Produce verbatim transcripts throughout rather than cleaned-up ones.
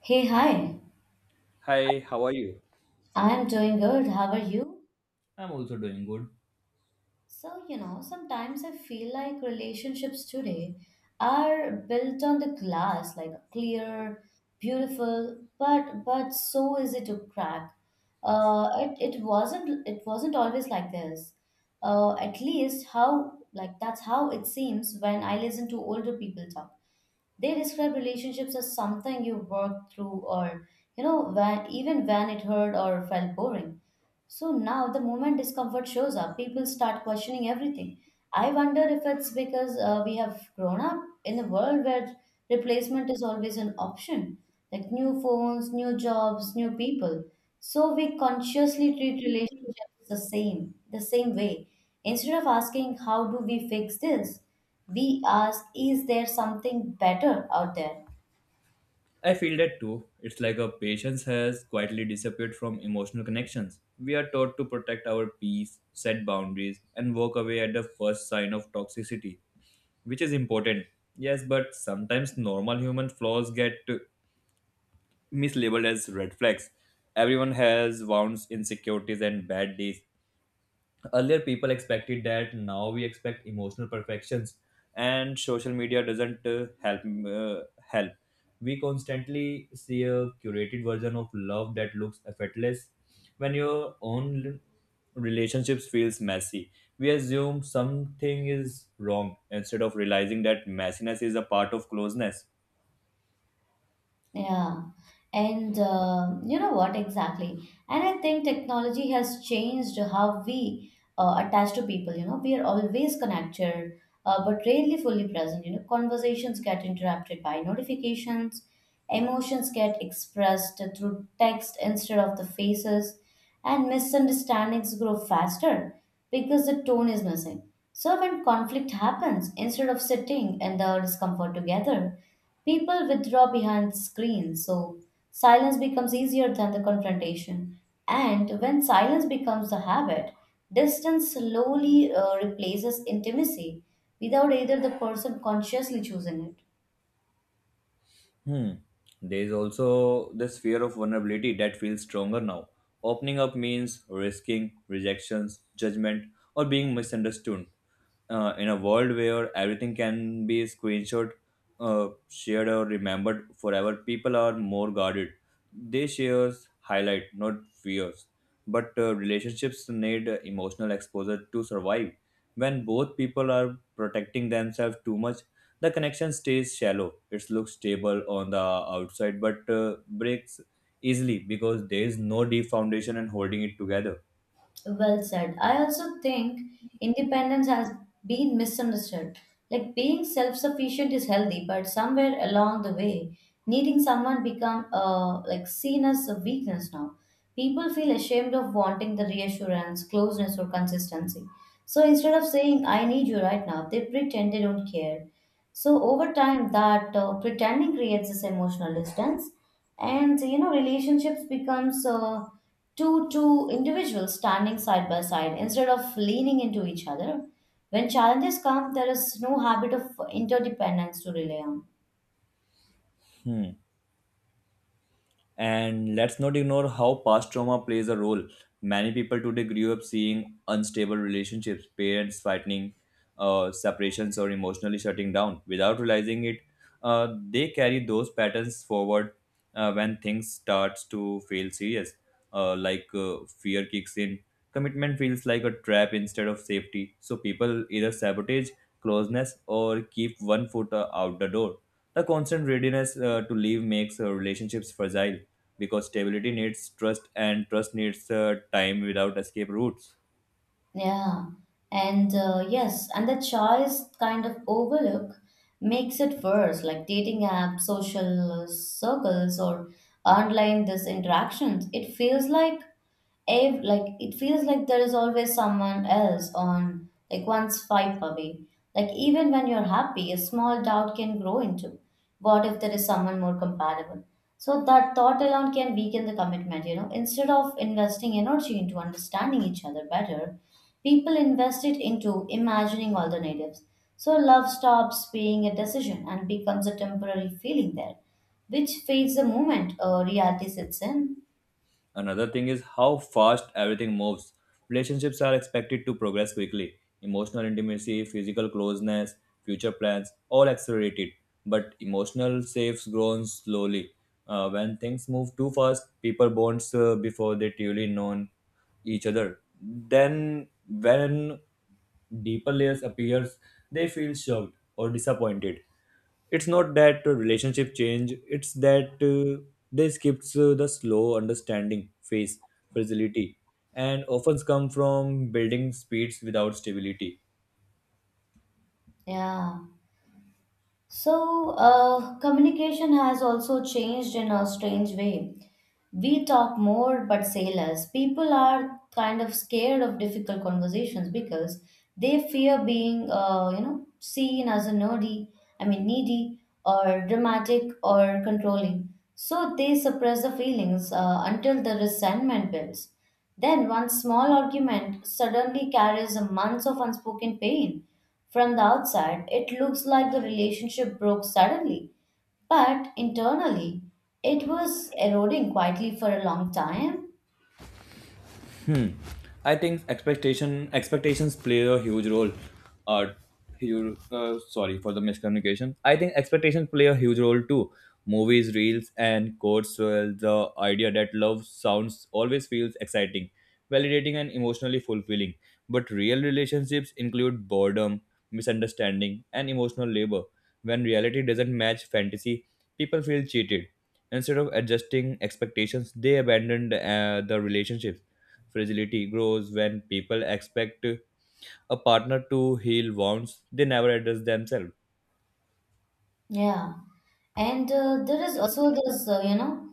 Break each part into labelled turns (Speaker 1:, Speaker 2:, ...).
Speaker 1: Hey, hi.
Speaker 2: Hi, how are you?
Speaker 1: I am doing good. How are you?
Speaker 2: I'm also doing good.
Speaker 1: So, you know, sometimes I feel like relationships today are built on the glass, like clear, beautiful, but but so easy to crack. Uh, it, it wasn't it wasn't always like this. Uh, at least how like that's how it seems when I listen to older people talk. They describe relationships as something you work through, or you know, when even when it hurt or felt boring. So now, the moment discomfort shows up, people start questioning everything. I wonder if it's because uh, we have grown up in a world where replacement is always an option, like new phones, new jobs, new people. So we consciously treat relationships the same, the same way. Instead of asking, "How do we fix this?" We ask, "Is there something better out there?"
Speaker 2: I feel that too. It's like our patience has quietly disappeared from emotional connections. We are taught to protect our peace, set boundaries, and walk away at the first sign of toxicity, which is important. Yes, but sometimes normal human flaws get uh, mislabeled as red flags. Everyone has wounds, insecurities, and bad days. Earlier people expected that. Now we expect emotional perfections, and social media doesn't uh, help uh, help we constantly see a curated version of love that looks effortless when your own relationships feels messy. We assume something is wrong instead of realizing that messiness is a part of closeness.
Speaker 1: Yeah, and um you know what, exactly? And I think technology has changed how we uh, attach to people. You know, we are always connected, uh, but rarely fully present. You know, conversations get interrupted by notifications, emotions get expressed through text instead of the faces, and misunderstandings grow faster because the tone is missing. So, when conflict happens, instead of sitting in the discomfort together, people withdraw behind screens. So, silence becomes easier than the confrontation. And when silence becomes the habit, distance slowly uh, replaces intimacy without either the person consciously choosing it.
Speaker 2: Hmm. There is also this fear of vulnerability that feels stronger now. Opening up means risking rejections, judgment, or being misunderstood. Uh, in a world where everything can be screenshot, uh, shared, or remembered forever, people are more guarded. They share highlight, not fears. But uh, relationships need uh, emotional exposure to survive. When both people are protecting themselves too much, the connection stays shallow. It looks stable on the outside but uh, breaks easily because there is no deep foundation and holding it together.
Speaker 1: Well said. I also think independence has been misunderstood. Like, being self-sufficient is healthy, but somewhere along the way, needing someone become uh, like seen as a weakness now. People feel ashamed of wanting the reassurance, closeness, or consistency. So instead of saying "I need you right now," they pretend they don't care. So over time, that uh, pretending creates this emotional distance, and you know relationships becomes. Uh, two two individuals standing side by side instead of leaning into each other. When challenges come, there is no habit of interdependence to rely on.
Speaker 2: Hmm. And let's not ignore how past trauma plays a role. Many people today grew up seeing unstable relationships, parents fighting, uh, separations, or emotionally shutting down. Without realizing it, uh, they carry those patterns forward uh, when things starts to feel serious. Uh, like uh, fear kicks in, commitment feels like a trap instead of safety. So people either sabotage closeness or keep one foot uh, out the door. The constant readiness uh, to leave makes uh, relationships fragile because stability needs trust and trust needs uh, time without escape routes.
Speaker 1: Yeah, and uh, yes, and the choice kind of overlook makes it worse, like dating apps, social circles, or online this interactions. It feels like ev- like it feels like there is always someone else on, like, one swipe away. Like, even when you're happy, a small doubt can grow into, what if there is someone more compatible? So that thought alone can weaken the commitment. You know instead of investing energy into understanding each other better, people invest it into imagining alternatives. So love stops being a decision and becomes a temporary feeling there, which fades the moment uh, reality sets in.
Speaker 2: Another thing is how fast everything moves. Relationships are expected to progress quickly. Emotional intimacy, physical closeness, future plans, all accelerated. But emotional safes grown slowly. Uh, when things move too fast, people bonds uh, before they truly known each other. Then when deeper layers appears, they feel shocked or disappointed. It's not that uh, relationship change, it's that uh, they skips uh, the slow understanding phase fragility and often come from building speeds without stability.
Speaker 1: Yeah. So, uh, communication has also changed in a strange way. We talk more but say less. People are kind of scared of difficult conversations because they fear being, uh, you know, seen as a nerdy, I mean, needy or dramatic or controlling. So they suppress the feelings uh, until the resentment builds. Then one small argument suddenly carries a month of unspoken pain. From the outside, it looks like the relationship broke suddenly, but internally, it was eroding quietly for a long time.
Speaker 2: Hmm. I think expectation expectations play a huge role. Uh, huge, uh, Sorry for the miscommunication. I think expectations play a huge role too. Movies, reels, and quotes well the idea that love sounds always feels exciting, validating, and emotionally fulfilling. But real relationships include boredom, misunderstanding, and emotional labor. When reality doesn't match fantasy, people feel cheated. Instead of adjusting expectations, they abandon uh, the relationships. Fragility grows when people expect a partner to heal wounds they never address themselves.
Speaker 1: Yeah. And uh, there is also this, uh, you know,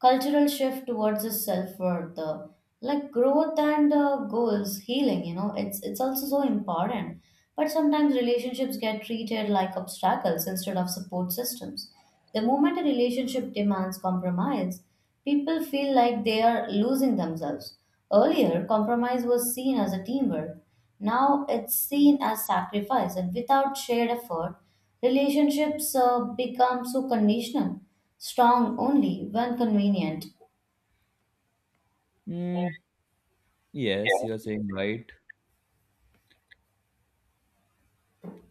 Speaker 1: cultural shift towards the self-worth, uh, like growth and uh, goals, healing, you know, it's it's also so important. But sometimes relationships get treated like obstacles instead of support systems. The moment a relationship demands compromise, people feel like they are losing themselves. Earlier, compromise was seen as a teamwork. Now it's seen as sacrifice, and without shared effort, relationships uh, become so conditional, strong only when convenient.
Speaker 2: Mm, yes, you are saying right.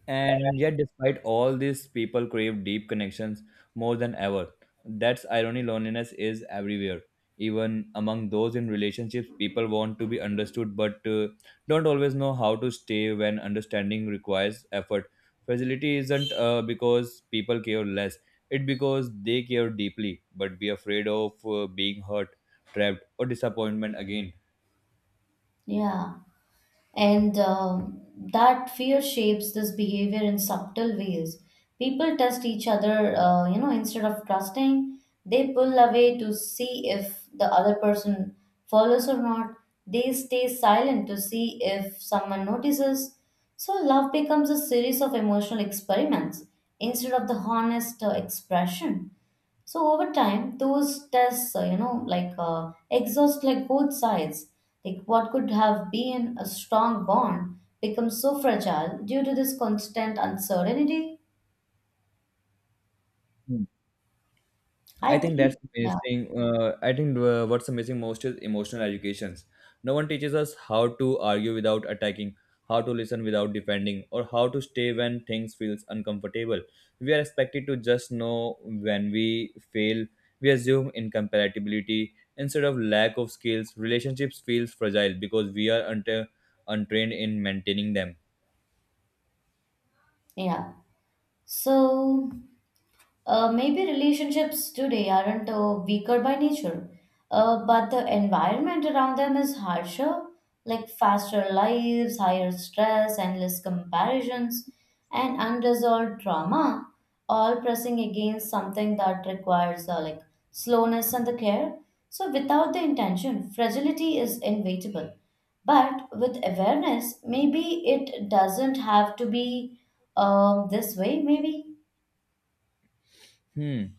Speaker 2: And yet, despite all this, people crave deep connections more than ever. That's irony, loneliness is everywhere. Even among those in relationships, people want to be understood but uh, don't always know how to stay when understanding requires effort. Facility isn't uh, because people care less, it because they care deeply but be afraid of uh, being hurt, trapped, or disappointment again.
Speaker 1: Yeah. And um, that fear shapes this behavior in subtle ways. People test each other, uh, you know, instead of trusting, they pull away to see if the other person follows or not. They stay silent to see if someone notices. So, love becomes a series of emotional experiments instead of the honest uh, expression. So over time, those tests, uh, you know, like uh, exhaust, like, both sides. Like, what could have been a strong bond becomes so fragile due to this constant uncertainty.
Speaker 2: I
Speaker 1: I
Speaker 2: think
Speaker 1: think.
Speaker 2: that's
Speaker 1: Yeah,
Speaker 2: amazing. Uh, I think uh, what's amazing most is emotional educations. No one teaches us how to argue without attacking, how to listen without defending, or how to stay when things feels uncomfortable. We are expected to just know when we fail. We assume incompatibility instead of lack of skills. Relationships feels fragile because we are unta- untrained in maintaining them.
Speaker 1: yeah. So Uh, maybe relationships today aren't uh, weaker by nature, uh, but the environment around them is harsher, like faster lives, higher stress, endless comparisons, and unresolved trauma, all pressing against something that requires uh, like slowness and the care. So without the intention, fragility is inevitable. But with awareness, maybe it doesn't have to be um, this way. Maybe.
Speaker 2: Hmm.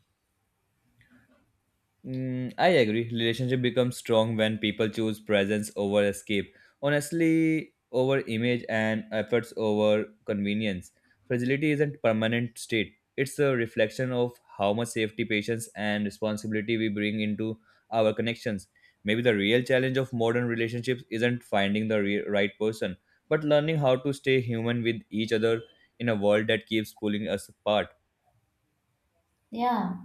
Speaker 2: Mm, I agree. Relationship becomes strong when people choose presence over escape. Honestly, over image and efforts over convenience. Fragility isn't permanent state. It's a reflection of how much safety, patience, and responsibility we bring into our connections. Maybe the real challenge of modern relationships isn't finding the re- right person, but learning how to stay human with each other in a world that keeps pulling us apart.
Speaker 1: Yeah.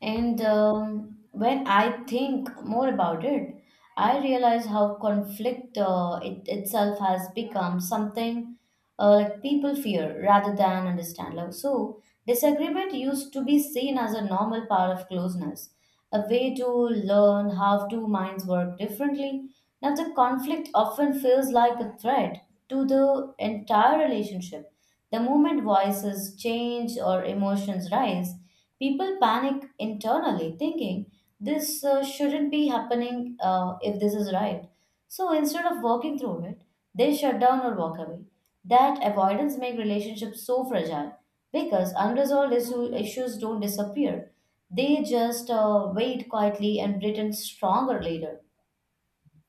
Speaker 1: And um, when I think more about it, I realize how conflict uh, it itself has become something uh, like people fear rather than understand. Like, so, disagreement used to be seen as a normal part of closeness, a way to learn how two minds work differently. Now, the conflict often feels like a threat to the entire relationship. The moment voices change or emotions rise, people panic internally, thinking this uh, shouldn't be happening uh, if this is right. So instead of working through it, they shut down or walk away. That avoidance makes relationships so fragile because unresolved issue, issues don't disappear. They just uh, wait quietly and pretend stronger later.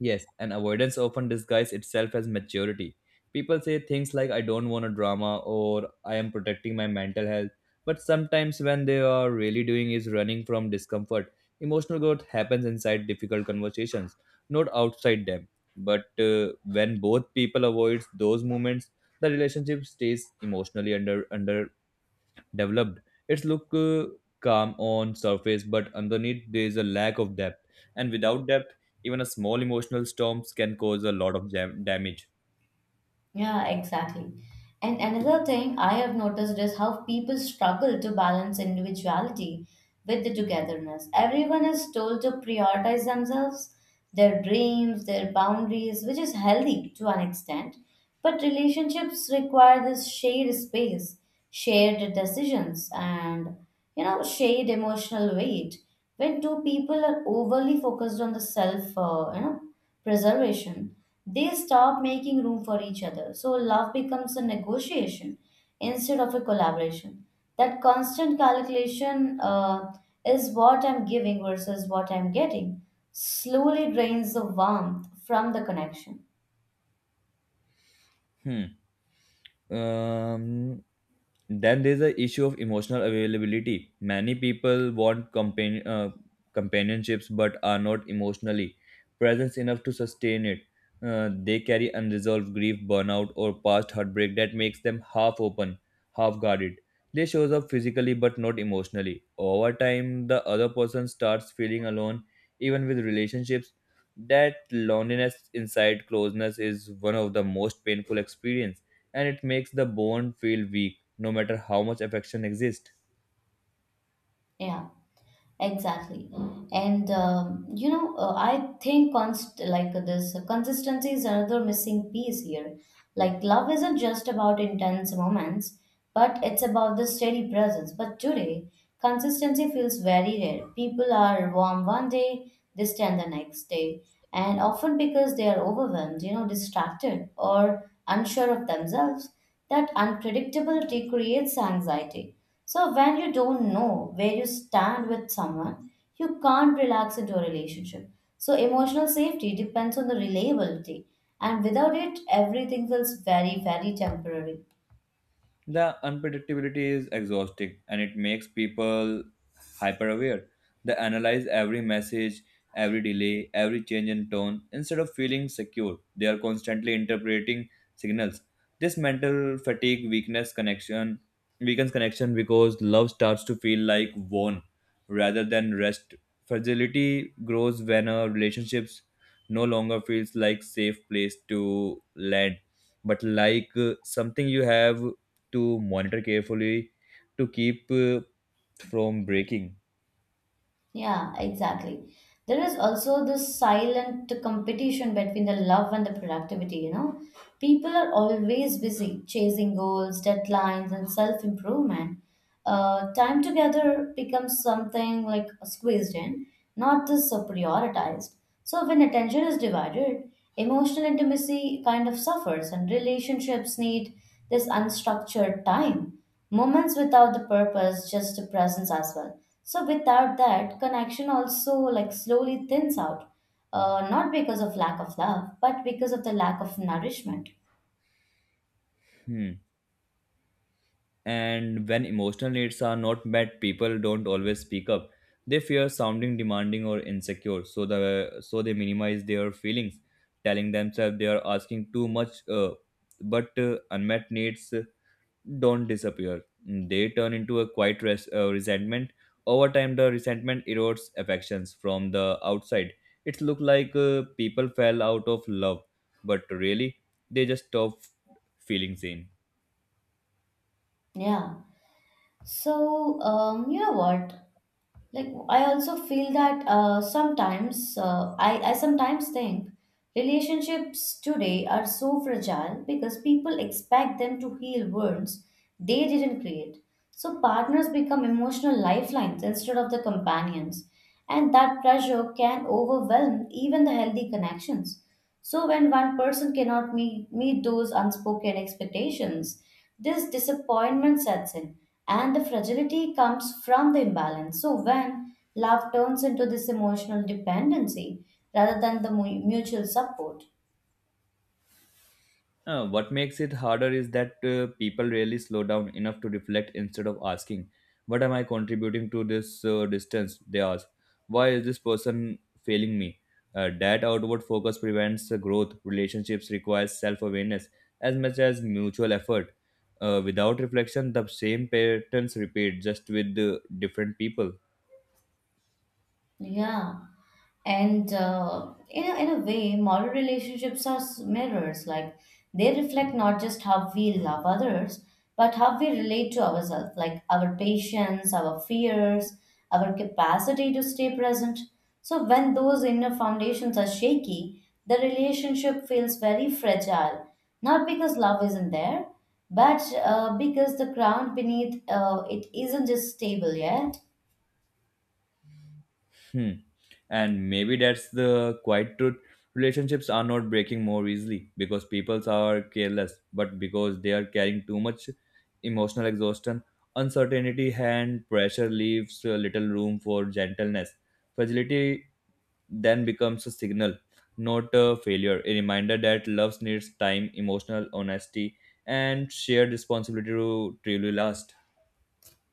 Speaker 2: Yes, and avoidance often disguises itself as maturity. People say things like, "I don't want a drama," or "I am protecting my mental health." But sometimes, when they are really doing is running from discomfort, emotional growth happens inside difficult conversations, not outside them. But uh, when both people avoid those moments, the relationship stays emotionally under under developed. It's look uh, calm on surface, but underneath there is a lack of depth. And without depth, even a small emotional storms can cause a lot of jam- damage.
Speaker 1: Yeah, exactly. And another thing I have noticed is how people struggle to balance individuality with the togetherness. Everyone is told to prioritize themselves, their dreams, their boundaries, which is healthy to an extent. But relationships require this shared space, shared decisions, and you know, shared emotional weight. When two people are overly focused on the self, uh, you know, preservation, they stop making room for each other. So love becomes a negotiation instead of a collaboration. That constant calculation uh, is what I'm giving versus what I'm getting, slowly drains the warmth from the connection.
Speaker 2: Hmm. Um, then there's the issue of emotional availability. Many people want companion uh, companionships but are not emotionally present enough to sustain it. Uh, they carry unresolved grief, burnout, or past heartbreak that makes them half open, half guarded. They shows up physically but not emotionally. Over time, the other person starts feeling alone, even with relationships. That loneliness inside closeness is one of the most painful experience, and it makes the bond feel weak no matter how much affection exists.
Speaker 1: Yeah. Exactly. And um, you know, uh, I think const like this consistency is another missing piece here. Like, love isn't just about intense moments, but it's about the steady presence. But today, consistency feels very rare. People are warm one day, distant the next day, and often because they are overwhelmed, you know, distracted or unsure of themselves. That unpredictability creates anxiety. So when you don't know where you stand with someone, you can't relax into a relationship. So emotional safety depends on the reliability, and without it, everything feels very, very temporary.
Speaker 2: The unpredictability is exhausting, and it makes people hyper aware. They analyze every message, every delay, every change in tone. Instead of feeling secure, they are constantly interpreting signals. This mental fatigue weakness connection weakens connection because love starts to feel like worn rather than rest. Fragility grows when a relationships no longer feels like safe place to land, but like uh, something you have to monitor carefully to keep uh, from breaking.
Speaker 1: Yeah, exactly. There is also this silent competition between the love and the productivity, you know. People are always busy chasing goals, deadlines, and self improvement. Uh, time together becomes something like squeezed in, not this uh, prioritized. So, when attention is divided, emotional intimacy kind of suffers, and relationships need this unstructured time, moments without the purpose, just the presence as well. So without that connection also, like, slowly thins out, uh, not because of lack of love but because of the lack of nourishment.
Speaker 2: Hmm. And when emotional needs are not met, people don't always speak up. They fear sounding demanding or insecure, so the so they minimize their feelings, telling themselves they are asking too much. Uh, but uh, Unmet needs uh, don't disappear. They turn into a quiet res- uh, resentment. Over time, the resentment erodes affections from the outside. It looks like uh, people fell out of love, but really, they just stopped feeling same.
Speaker 1: Yeah. So um, you know what like I also feel that uh, sometimes uh, I, I sometimes think relationships today are so fragile because people expect them to heal wounds they didn't create. So partners become emotional lifelines instead of the companions, and that pressure can overwhelm even the healthy connections. So when one person cannot meet, meet those unspoken expectations, this disappointment sets in, and the fragility comes from the imbalance. So when love turns into this emotional dependency rather than the mu- mutual support.
Speaker 2: Uh, what makes it harder is that uh, people rarely slow down enough to reflect. Instead of asking, "What am I contributing to this uh, distance?" They ask, "Why is this person failing me?" Uh, that outward focus prevents the growth. Relationships requires self awareness as much as mutual effort. Uh, without reflection, the same patterns repeat just with uh, different people.
Speaker 1: Yeah. And uh, in, a, in a way, modern relationships are s- mirrors. Like, they reflect not just how we love others, but how we relate to ourselves, like our patience, our fears, our capacity to stay present. So when those inner foundations are shaky, the relationship feels very fragile. Not because love isn't there, but uh, because the ground beneath uh, it isn't just stable yet.
Speaker 2: Hmm. And maybe that's the quiet truth. Relationships are not breaking more easily because people are careless, but because they are carrying too much emotional exhaustion, uncertainty, and pressure leaves uh, little room for gentleness. Fragility then becomes a signal, not a failure, a reminder that love needs time, emotional honesty, and shared responsibility to truly last.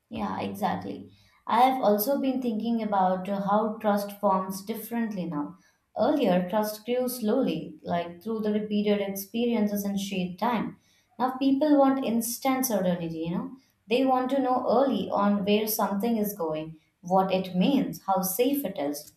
Speaker 1: Yeah, exactly. I have also been thinking about uh, how trust forms differently now. Earlier, trust grew slowly, like through the repeated experiences and shared time. Now, people want instant certainty, you know. They want to know early on where something is going, what it means, how safe it is.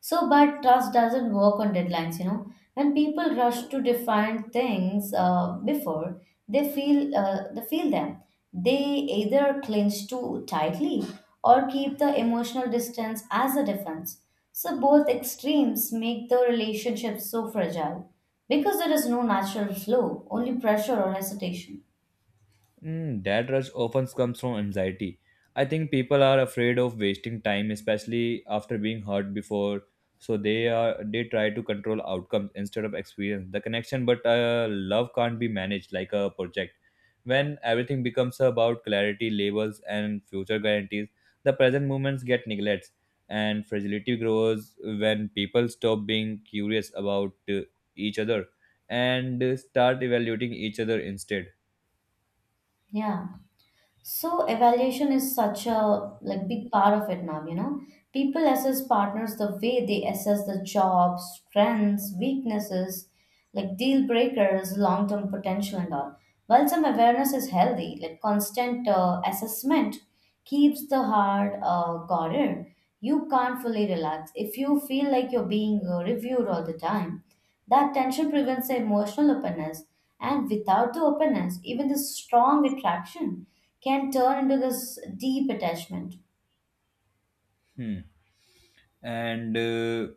Speaker 1: So, but trust doesn't work on deadlines, you know. When people rush to define things uh, before they feel uh, they feel them, they either clinch too tightly or keep the emotional distance as a defense. So both extremes make the relationship so fragile because there is no natural flow, only pressure or hesitation.
Speaker 2: Mm, that rush often comes from anxiety. I think people are afraid of wasting time, especially after being hurt before. So they are they try to control outcomes instead of experience the connection. But uh, love can't be managed like a project. When everything becomes about clarity, labels, and future guarantees, the present moments get neglected, and fragility grows when people stop being curious about uh, each other and uh, start evaluating each other instead.
Speaker 1: Yeah. So evaluation is such a, like, big part of it now, you know. People assess partners the way they assess the job, strengths, weaknesses, like deal breakers, long-term potential and all. While some awareness is healthy, like constant uh, assessment keeps the heart uh, guarded. You can't fully relax. If you feel like you're being uh, reviewed all the time, that tension prevents the emotional openness. And without the openness, even the strong attraction can turn into this deep attachment.
Speaker 2: Hmm. and uh,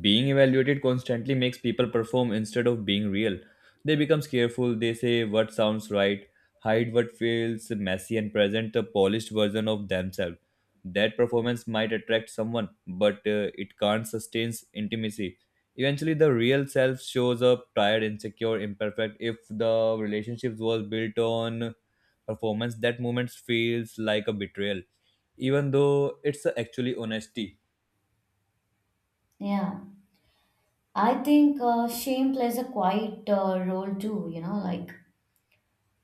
Speaker 2: Being evaluated constantly makes people perform instead of being real. They become careful, they say what sounds right, hide what feels messy, and present a polished version of themselves. That performance might attract someone, but uh, it can't sustain intimacy. Eventually the real self shows up tired, insecure, imperfect. If the relationships was built on performance, that moment feels like a betrayal, even though it's uh, actually honesty.
Speaker 1: Yeah. I think uh, shame plays a quiet uh, role too, you know, like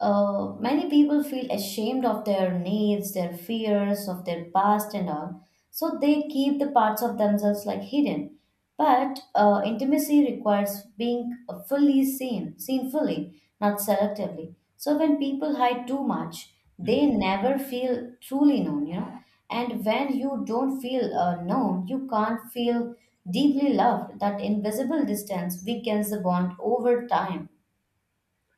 Speaker 1: uh, many people feel ashamed of their needs, their fears, of their past, and all. So they keep the parts of themselves like hidden. But uh, intimacy requires being uh, fully seen, seen fully, not selectively. So when people hide too much, they
Speaker 2: Hmm.
Speaker 1: never feel truly known, you know. And when you don't feel uh, known, you can't feel deeply loved. That invisible distance weakens the bond over time.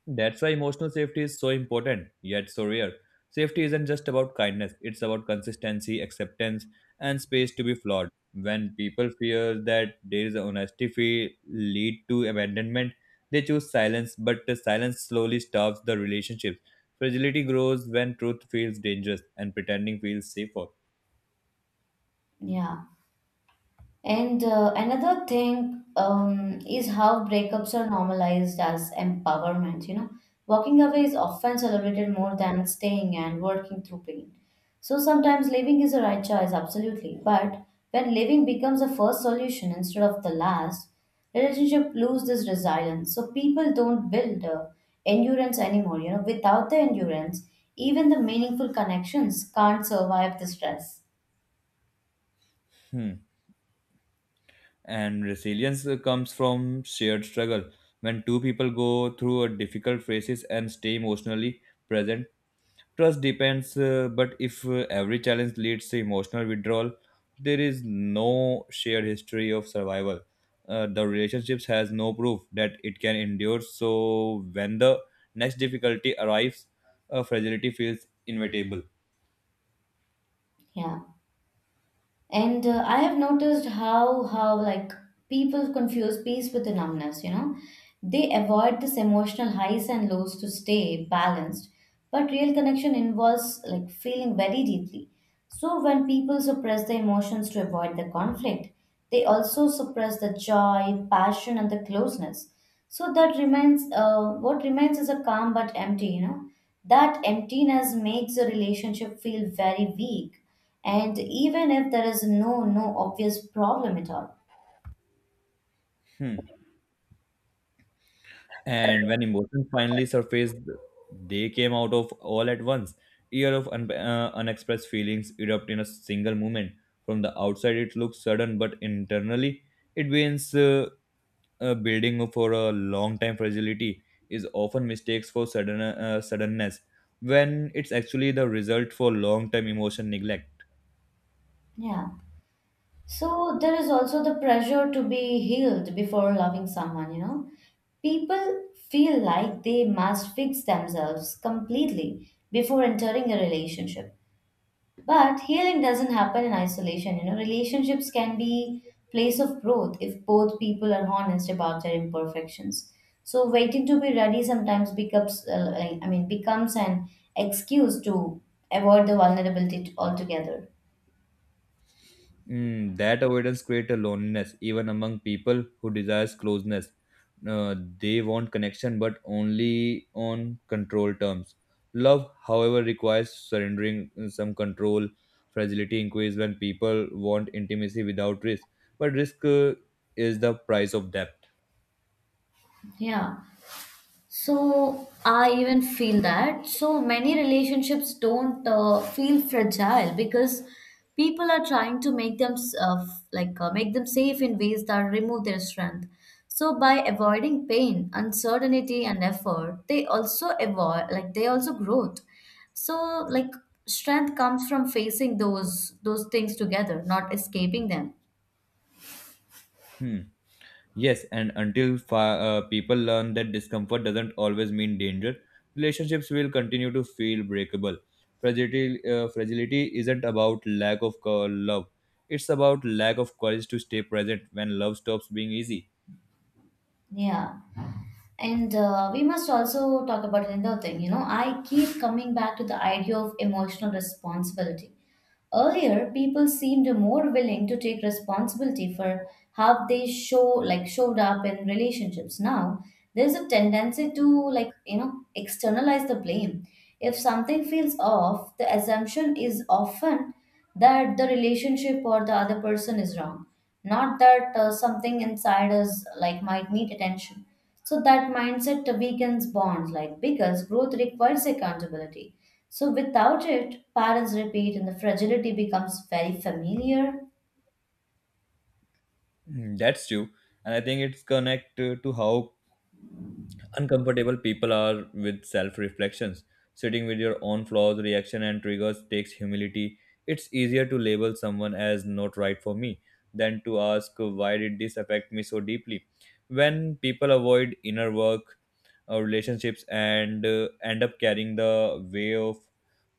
Speaker 2: That's why emotional safety is so important, yet so rare. Safety isn't just about kindness, it's about consistency, acceptance, and space to be flawed. When people fear that there is a honesty fee lead to abandonment, they choose silence, but the silence slowly stops the relationship. Fragility grows when truth feels dangerous and pretending feels safer.
Speaker 1: Yeah. And uh, another thing um, is how breakups are normalized as empowerment. You know, walking away is often celebrated more than staying and working through pain. So sometimes leaving is the right choice, absolutely. But when leaving becomes the first solution instead of the last, relationship lose this resilience. So people don't build uh, endurance anymore. You know, without the endurance, even the meaningful connections can't survive the stress.
Speaker 2: Hmm. And resilience uh, comes from shared struggle. When two people go through a difficult phases and stay emotionally present, trust depends, uh, but if uh, every challenge leads to emotional withdrawal, there is no shared history of survival. Uh, the relationships has no proof that it can endure. So when the next difficulty arrives, uh, fragility feels inevitable.
Speaker 1: Yeah. And uh, I have noticed how how like people confuse peace with the numbness, you know. They avoid this emotional highs and lows to stay balanced, but real connection involves like feeling very deeply. So when people suppress their emotions to avoid the conflict, they also suppress the joy, passion, and the closeness. So that remains uh, what remains is a calm but empty, you know. That emptiness makes a relationship feel very weak and even if there is no no obvious problem at all.
Speaker 2: Hmm. And when emotions finally surfaced, they came out of all at once. Year of un- uh, unexpressed feelings erupt in a single moment. From the outside, it looks sudden, but internally, it begins. Uh, uh, building for a long time, fragility is often mistakes for sudden uh, suddenness when it's actually the result for long term emotion neglect.
Speaker 1: Yeah. So there is also the pressure to be healed before loving someone, you know. People feel like they must fix themselves completely before entering a relationship. But healing doesn't happen in isolation. You know, relationships can be place of growth if both people are honest about their imperfections. So waiting to be ready sometimes becomes, uh, like, I mean, becomes an excuse to avoid the vulnerability t- altogether.
Speaker 2: Mm, that avoidance creates a loneliness even among people who desires closeness. Uh, they want connection, but only on control terms. Love, however, requires surrendering uh, some control. Fragility increases when people want intimacy without risk, but risk uh, is the price of depth.
Speaker 1: Yeah. So I even feel that so many relationships don't uh, feel fragile because people are trying to make them s- uh, f- like uh, make them safe in ways that remove their strength. So by avoiding pain, uncertainty, and effort, they also avoid like they also growth. So like strength comes from facing those those things together, not escaping them.
Speaker 2: Hmm. Yes, and until fi- uh, people learn that discomfort doesn't always mean danger, relationships will continue to feel breakable. Fragility, uh, fragility isn't about lack of co- love, it's about lack of courage to stay present when love stops being easy.
Speaker 1: Yeah. And uh, we must also talk about another thing. You know, I keep coming back to the idea of emotional responsibility. Earlier, people seemed more willing to take responsibility for how they show like showed up in relationships. Now, there's a tendency to like you know externalize the blame. If something feels off, the assumption is often that the relationship or the other person is wrong, not that uh, something inside us like might need attention. So that mindset weakens bonds, like because growth requires accountability. So without it, parents repeat and the fragility becomes very familiar.
Speaker 2: Mm, that's true, and I think it's connected to how uncomfortable people are with self reflections. Sitting with your own flaws, reaction, and triggers takes humility. It's easier to label someone as not right for me than to ask why did this affect me so deeply. When people avoid inner work or relationships and uh, end up carrying the way of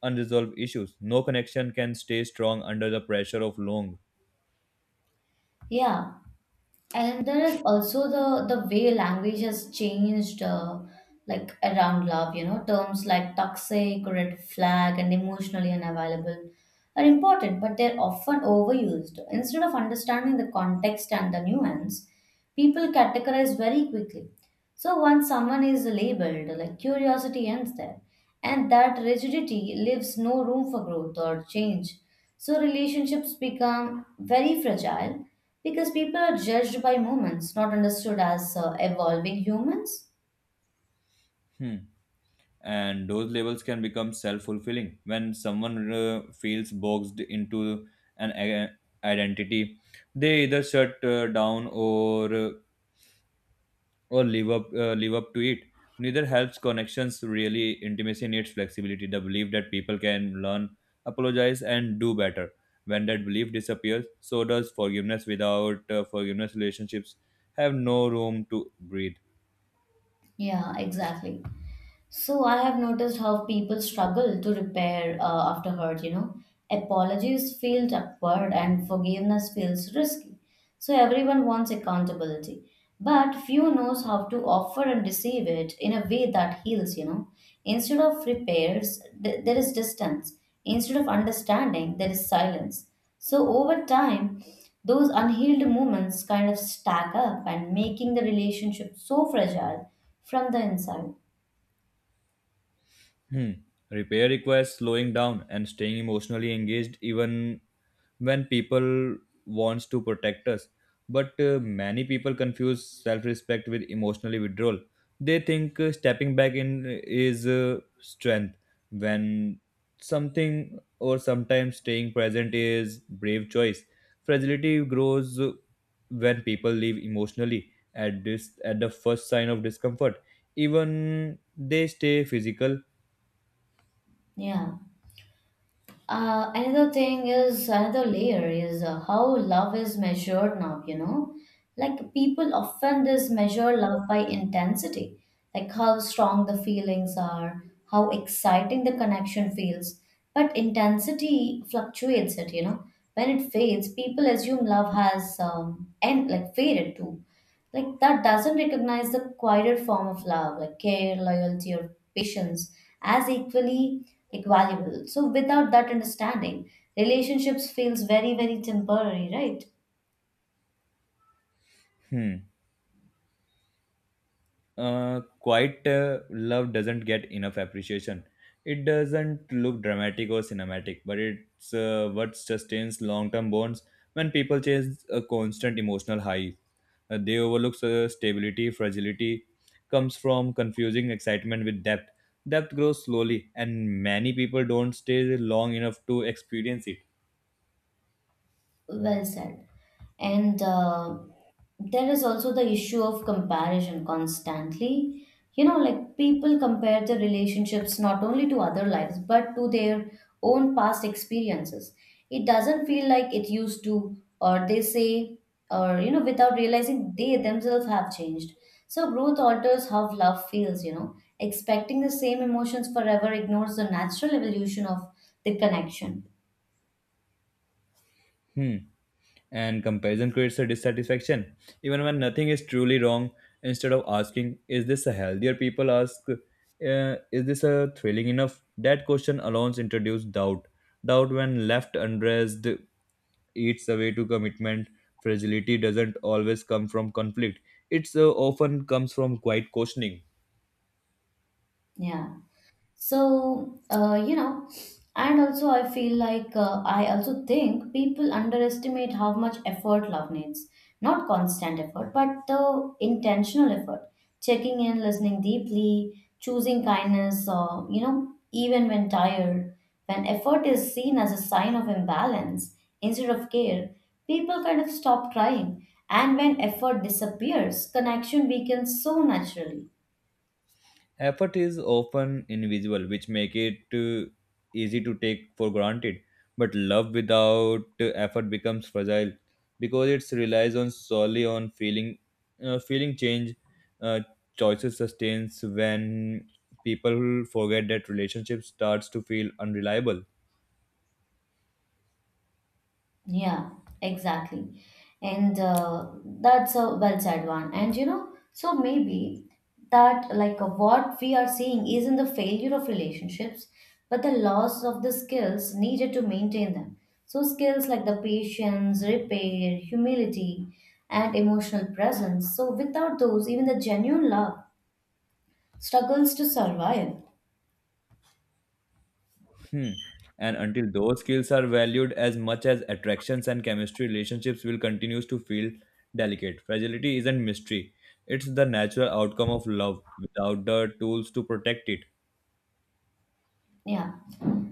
Speaker 2: unresolved issues, no connection can stay strong under the pressure of long.
Speaker 1: Yeah. And there is also the the way language has changed uh, like around love, you know, terms like toxic, red flag, and emotionally unavailable are important, but they're often overused. Instead of understanding the context and the nuance, people categorize very quickly. So once someone is labeled, like curiosity ends there, and that rigidity leaves no room for growth or change. So relationships become very fragile because people are judged by moments, not understood as uh, evolving humans.
Speaker 2: Hmm. And those labels can become self-fulfilling. When someone uh, feels boxed into an i- identity, they either shut uh, down or uh, or live up uh, live up to it. Neither helps connections. Really, intimacy needs flexibility, the belief that people can learn, apologize, and do better. When that belief disappears, so does forgiveness. Without uh, forgiveness, relationships have no room to breathe.
Speaker 1: Yeah, exactly. So I have noticed how people struggle to repair uh, after hurt, you know. Apologies feels awkward and forgiveness feels risky. So everyone wants accountability, but few knows how to offer and receive it in a way that heals, you know. Instead of repairs, th- there is distance. Instead of understanding, there is silence. So over time, those unhealed moments kind of stack up and making the relationship so fragile from the inside.
Speaker 2: Hmm. Repair requires slowing down and staying emotionally engaged even when people wants to protect us, but uh, many people confuse self-respect with emotional withdrawal. They think uh, stepping back in uh, is uh, strength, when something or sometimes staying present is brave choice. Fragility grows uh, when people leave emotionally at this at the first sign of discomfort, even they stay physical.
Speaker 1: Yeah. Uh, another thing is another layer is uh, how love is measured now, you know. Like people often just measure love by intensity, like how strong the feelings are, how exciting the connection feels. But intensity fluctuates it, you know. When it fades, people assume love has um, end like faded too. Like that doesn't recognize the quieter form of love, like care, loyalty, or patience as equally like valuable. So without that understanding, relationships feels very very temporary, right?
Speaker 2: Hmm uh, Quiet uh, love doesn't get enough appreciation. It doesn't look dramatic or cinematic, but it's uh, what sustains long term bonds when people chase a constant emotional high. Uh, they overlook uh, stability. Fragility comes from confusing excitement with depth. Depth grows slowly, and many people don't stay long enough to experience it.
Speaker 1: Well said. And uh, there is also the issue of comparison constantly. You know, like people compare their relationships not only to other lives, but to their own past experiences. It doesn't feel like it used to, or they say, or, you know, without realizing they themselves have changed. So growth alters how love feels, you know. Expecting the same emotions forever ignores the natural evolution of the connection.
Speaker 2: Hmm. And comparison creates a dissatisfaction even when nothing is truly wrong. Instead of asking, "Is this a healthier?" people ask, uh, "Is this a thrilling enough?" That question alone introduces doubt. Doubt, when left unaddressed, eats away to commitment. Fragility doesn't always come from conflict, it's uh, often comes from quiet questioning.
Speaker 1: Yeah. So, uh, you know, and also I feel like uh, I also think people underestimate how much effort love needs. Not constant effort, but the intentional effort. Checking in, listening deeply, choosing kindness, uh, you know, even when tired. When effort is seen as a sign of imbalance instead of care, people kind of stop trying. And when effort disappears, connection weakens so naturally.
Speaker 2: Effort is often invisible, which make it uh, easy to take for granted, but love without uh, effort becomes fragile because it relies on solely on feeling. Uh, feeling change, uh, choices sustains. When people forget that, relationship starts to feel unreliable.
Speaker 1: Yeah, exactly. And uh, that's a well said one. And you know, so maybe that like uh, what we are seeing isn't the failure of relationships, but the loss of the skills needed to maintain them. So skills like the patience, repair, humility, and emotional presence. So without those, even the genuine love struggles to survive.
Speaker 2: Hmm. And until those skills are valued as much as attractions and chemistry, relationships will continue to feel delicate. Fragility isn't mystery, it's the natural outcome of love without the tools to protect it.
Speaker 1: Yeah.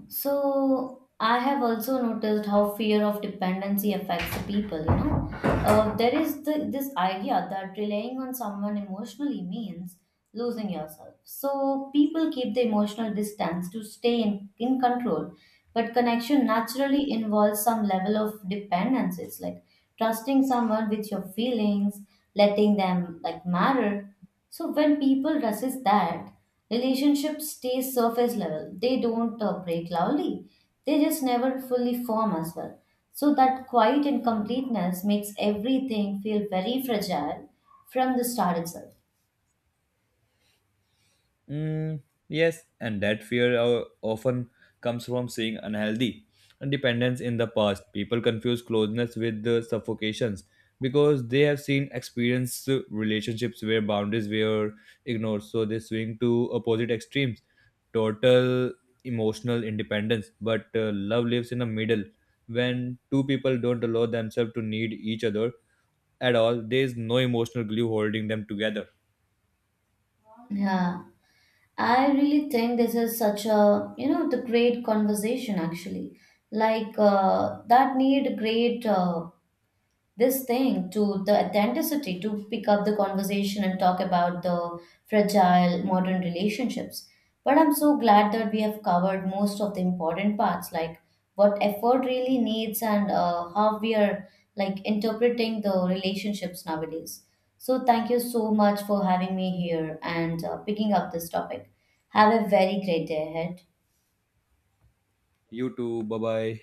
Speaker 1: So I have also noticed how fear of dependency affects the people, you know. Uh, there is the, this idea that relying on someone emotionally means losing yourself. So people keep the emotional distance to stay in, in control, but connection naturally involves some level of dependence. It's like trusting someone with your feelings, letting them like matter. So when people resist that, relationships stay surface level. They don't uh, break loudly. They just never fully form as well. So that quiet incompleteness makes everything feel very fragile from the start itself.
Speaker 2: Mm, yes, and that fear uh, often comes from seeing unhealthy dependence in the past. People confuse closeness with the suffocations because they have seen experienced relationships where boundaries were ignored, so they swing to opposite extremes, total emotional independence. But uh, love lives in the middle. When two people don't allow themselves to need each other at all, there is no emotional glue holding them together.
Speaker 1: Yeah. I really think this is such a, you know, the great conversation actually. Like uh, that need great uh, this thing to the authenticity to pick up the conversation and talk about the fragile modern relationships. But I'm so glad that we have covered most of the important parts, like what effort really needs and uh, how we are like interpreting the relationships nowadays. So thank you so much for having me here and uh, picking up this topic. Have a very great day ahead.
Speaker 2: You too, bye bye.